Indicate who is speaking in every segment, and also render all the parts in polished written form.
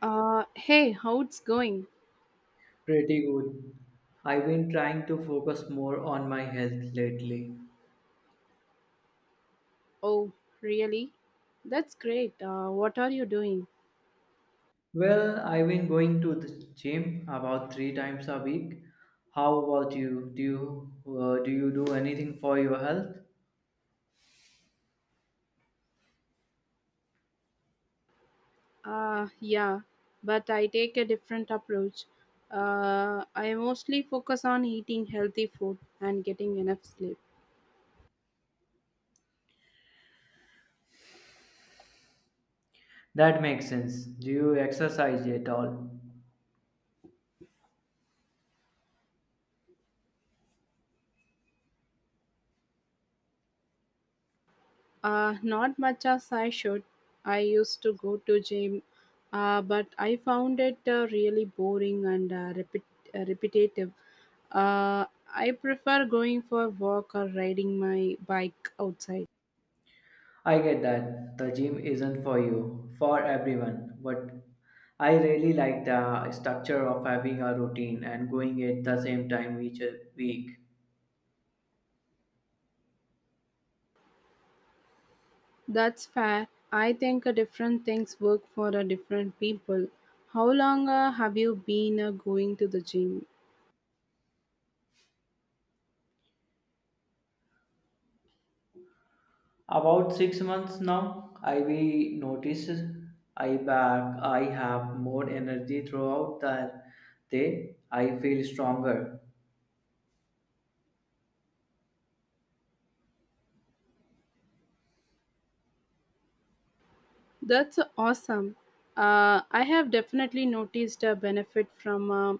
Speaker 1: Hey, how it's going?
Speaker 2: Pretty good. I've been trying to focus more on my health lately.
Speaker 1: Oh, really? That's great. What are you doing?
Speaker 2: Well, I've been going to the gym about three times a week. How about you? Do you do anything for your health?
Speaker 1: Yeah, but I take a different approach. I mostly focus on eating healthy food and getting enough sleep.
Speaker 2: That makes sense. Do you exercise at all?
Speaker 1: Not much as I should. I used to go to gym, but I found it really boring and repetitive. Uh, I prefer going for a walk or riding my bike outside.
Speaker 2: I get that the gym isn't for you, for everyone, but I really like the structure of having a routine and going at the same time each week.
Speaker 1: That's fair. I think different things work for different people. How long have you been going to the gym?
Speaker 2: About 6 months now, I we notice I back I have more energy throughout the day. I feel stronger.
Speaker 1: That's awesome. I have definitely noticed a benefit from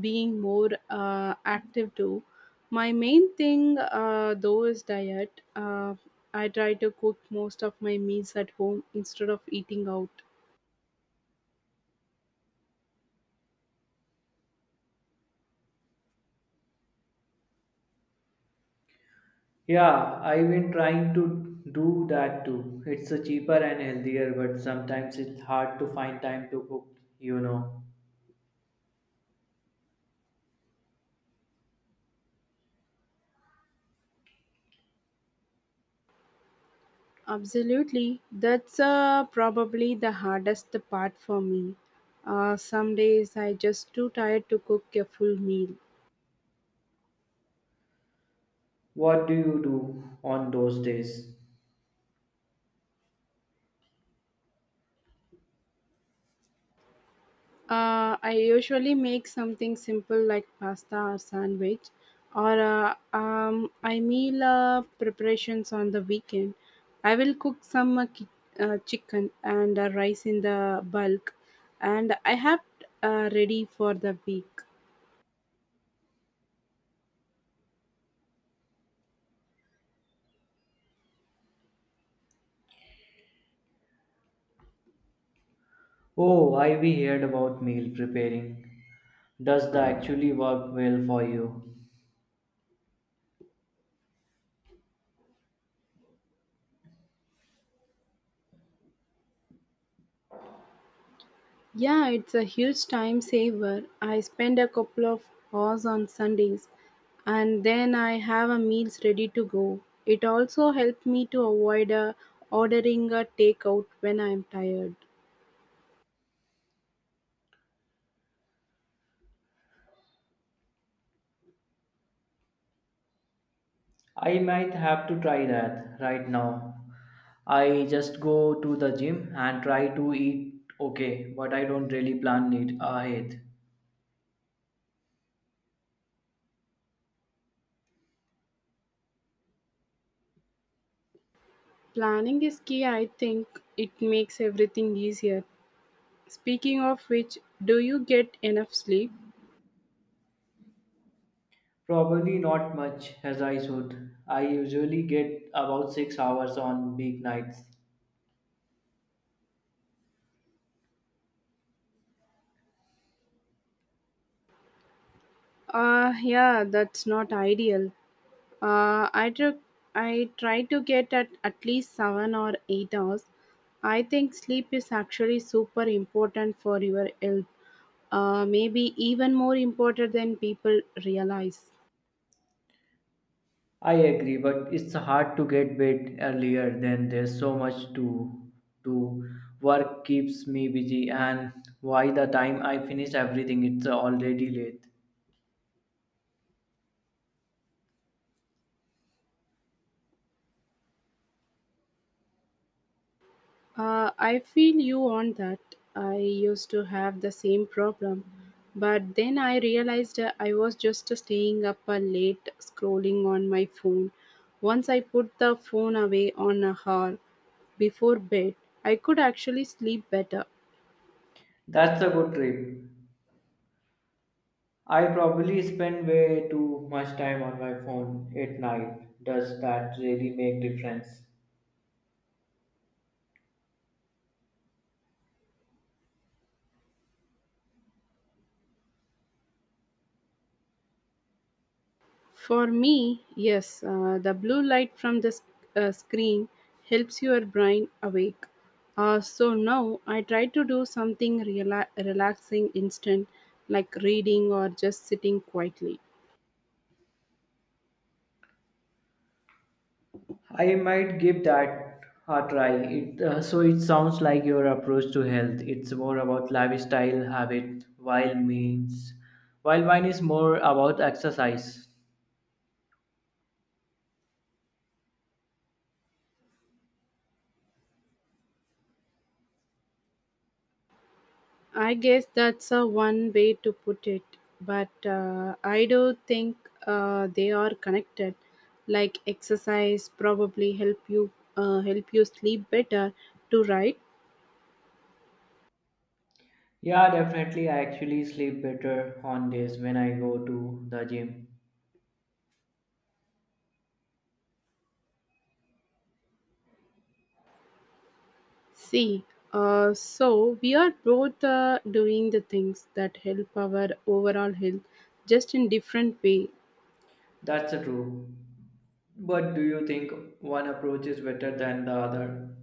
Speaker 1: being more active too. My main thing though is diet. I try to cook most of my meals at home instead of eating out.
Speaker 2: Yeah, I've been trying to do that too. It's a cheaper and healthier, but sometimes it's hard to find time to cook, you know.
Speaker 1: Absolutely. That's probably the hardest part for me. Some days I just too tired to cook a full meal.
Speaker 2: What do you do on those days?
Speaker 1: I usually make something simple like pasta or sandwich, or I meal preparations on the weekend. I will cook some chicken and rice in the bulk, and I have ready for the week.
Speaker 2: Oh, I we heard about meal preparing. Does that actually work well for you?
Speaker 1: Yeah, it's a huge time saver. I spend a couple of hours on Sundays and then I have a meals ready to go. It also helped me to avoid ordering a takeout when I'm tired.
Speaker 2: I might have to try that right now. I just go to the gym and try to eat okay, but I don't really plan it ahead.
Speaker 1: Planning is key, I think. It makes everything easier. Speaking of which, do you get enough sleep?
Speaker 2: Probably not much as I should. I usually get about 6 hours on weeknights.
Speaker 1: Yeah, that's not ideal. Uh, I took I try to get at least 7 or 8 hours. I think sleep is actually super important for your health. Maybe even more important than people realize.
Speaker 2: I agree, but it's hard to get bed earlier than there's so much to do. Work keeps me busy, and by the time I finish everything, it's already late.
Speaker 1: I feel you on that. I used to have the same problem, but then I realized I was just staying up late scrolling on my phone. Once I put the phone away on a hour before bed, I could actually sleep better.
Speaker 2: That's a good trip. I probably spend way too much time on my phone at night. Does that really make difference?
Speaker 1: For me, yes, the blue light from the screen helps your brain awake. So now I try to do something relaxing instant, like reading or just sitting quietly.
Speaker 2: I might give that a try. So it sounds like your approach to health. It's more about lifestyle habit, while mine is more about exercise.
Speaker 1: I guess that's a one way to put it, but I do think they are connected. Like exercise probably help you help you sleep better to write.
Speaker 2: Yeah, definitely. I actually sleep better on days when I go to the gym.
Speaker 1: See, so we are both doing the things that help our overall health, just in different way.
Speaker 2: That's true. But do you think one approach is better than the other?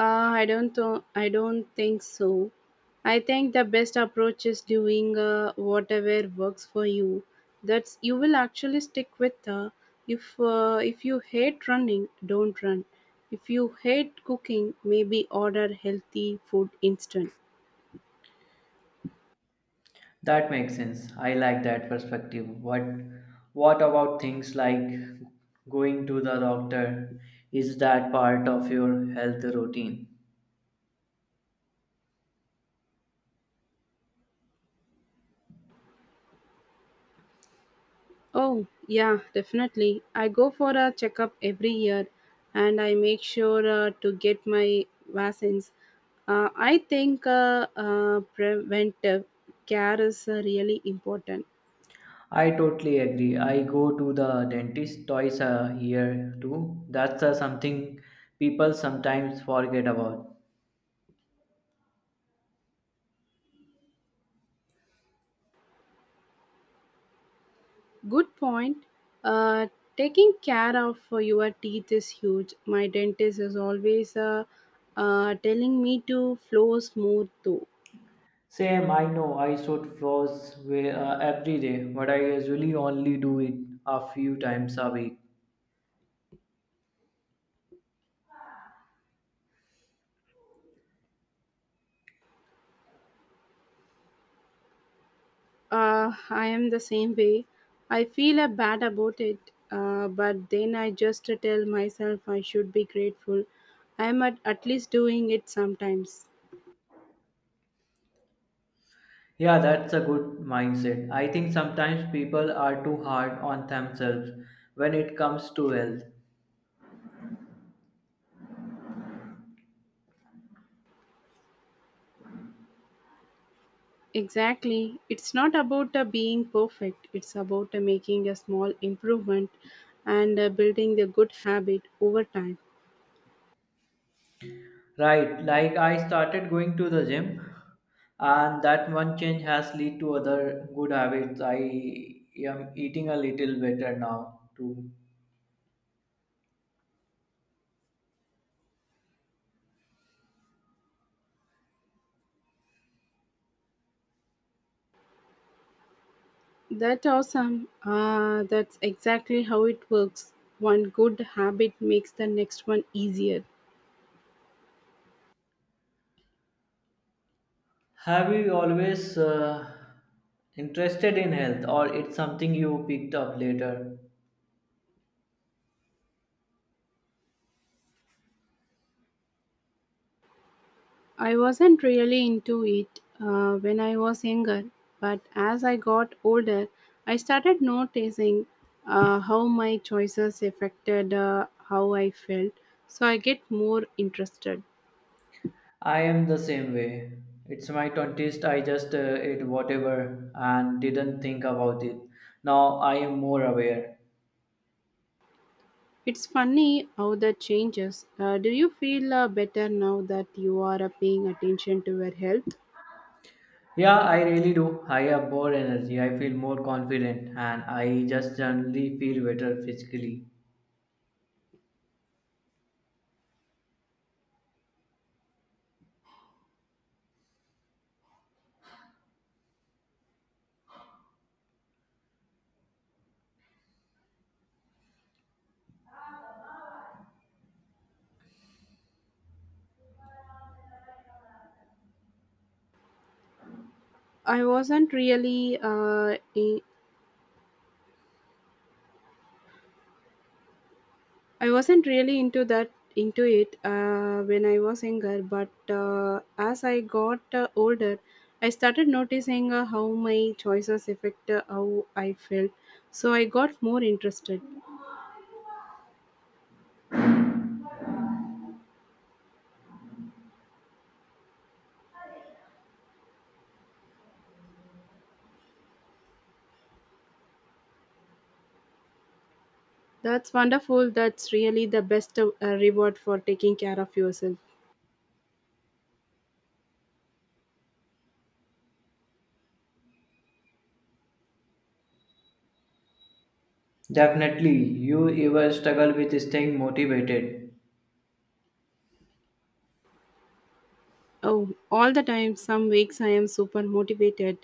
Speaker 1: I don't. I don't think so. I think the best approach is doing whatever works for you. That's you will actually stick with. If if you hate running, don't run. If you hate cooking, maybe order healthy food instead.
Speaker 2: That makes sense. I like that perspective. What about things like going to the doctor? Is that part of your health routine?
Speaker 1: Oh, yeah, definitely. I go for a checkup every year and I make sure to get my vaccines. I think preventive care is really important.
Speaker 2: I totally agree. I go to the dentist twice a year too. That's something people sometimes forget about.
Speaker 1: Good point. Uh, Taking care of your teeth is huge. My dentist is always telling me to floss more too.
Speaker 2: Same, I know I should floss every day, but I usually only do it a few times a week.
Speaker 1: I am the same way. I feel bad about it, but then I just tell myself I should be grateful. I am at least doing it sometimes.
Speaker 2: Yeah, that's a good mindset. I think sometimes people are too hard on themselves when it comes to health.
Speaker 1: Exactly. It's not about being perfect, it's about making a small improvement and building the good habit over time.
Speaker 2: Right, like I started going to the gym and that one change has led to other good habits. I am eating a little better now too.
Speaker 1: That's awesome. That's exactly how it works. One good habit makes the next one easier.
Speaker 2: Have you always interested in health or it's something you picked up later?
Speaker 1: I wasn't really into it when I was younger, but as I got older, I started noticing how my choices affected how I felt, so I get more interested.
Speaker 2: I am the same way. It's my 20s, I just ate whatever and didn't think about it. Now I am more aware.
Speaker 1: It's funny how that changes. Do you feel better now that you are paying attention to your health?
Speaker 2: Yeah, I really do. I have more energy, I feel more confident, and I just generally feel better physically.
Speaker 1: I wasn't really uh, i- I wasn't really into it when I was younger, but as I got older, I started noticing how my choices affect how I felt. So I got more interested. That's wonderful. That's really the best reward for taking care of yourself.
Speaker 2: Definitely, you ever struggle with staying motivated?
Speaker 1: Oh, all the time. Some weeks I am super motivated,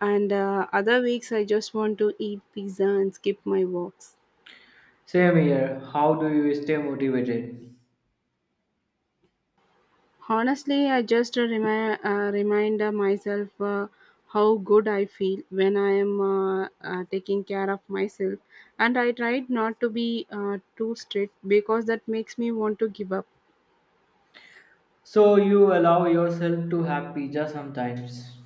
Speaker 1: and other weeks I just want to eat pizza and skip my walks.
Speaker 2: Same here. How do you stay motivated?
Speaker 1: Honestly, I just remind myself how good I feel when I am taking care of myself, and I tried not to be too strict because that makes me want to give up.
Speaker 2: So you allow yourself to have pizza sometimes.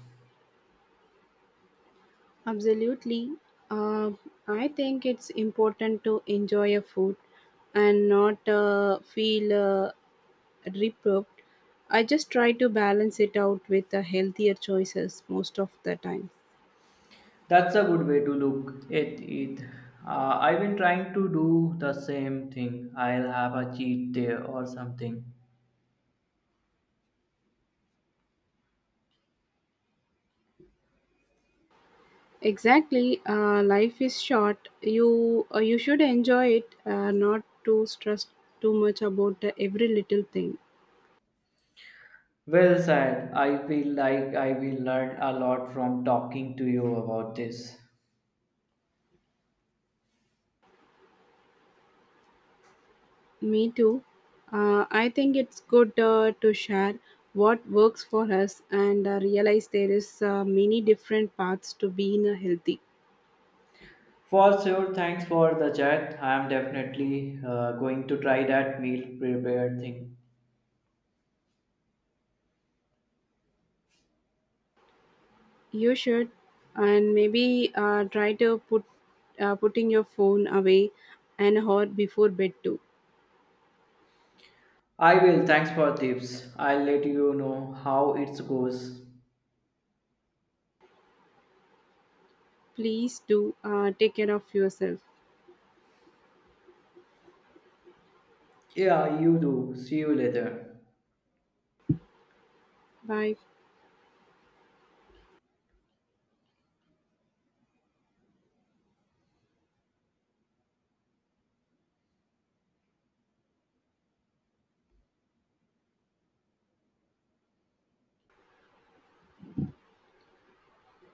Speaker 1: Absolutely, uh, I think it's important to enjoy your food and not feel reprobed. I just try to balance it out with healthier choices most of the time.
Speaker 2: That's a good way to look at it. I've been trying to do the same thing. I'll have a cheat day or something.
Speaker 1: Exactly, life is short. You should enjoy it, not to stress too much about every little thing.
Speaker 2: Well said. I feel like I will learn a lot from talking to you about this.
Speaker 1: Me too. I think it's good to share what works for us and realize there is many different paths to being healthy.
Speaker 2: For sure, thanks for the chat. I am definitely going to try that meal prepare thing.
Speaker 1: You should, and maybe try to putting your phone away an hour before bed too.
Speaker 2: I will. Thanks for tips. I'll let you know how it goes.
Speaker 1: Please do take care of yourself.
Speaker 2: Yeah, you do. See you later.
Speaker 1: Bye.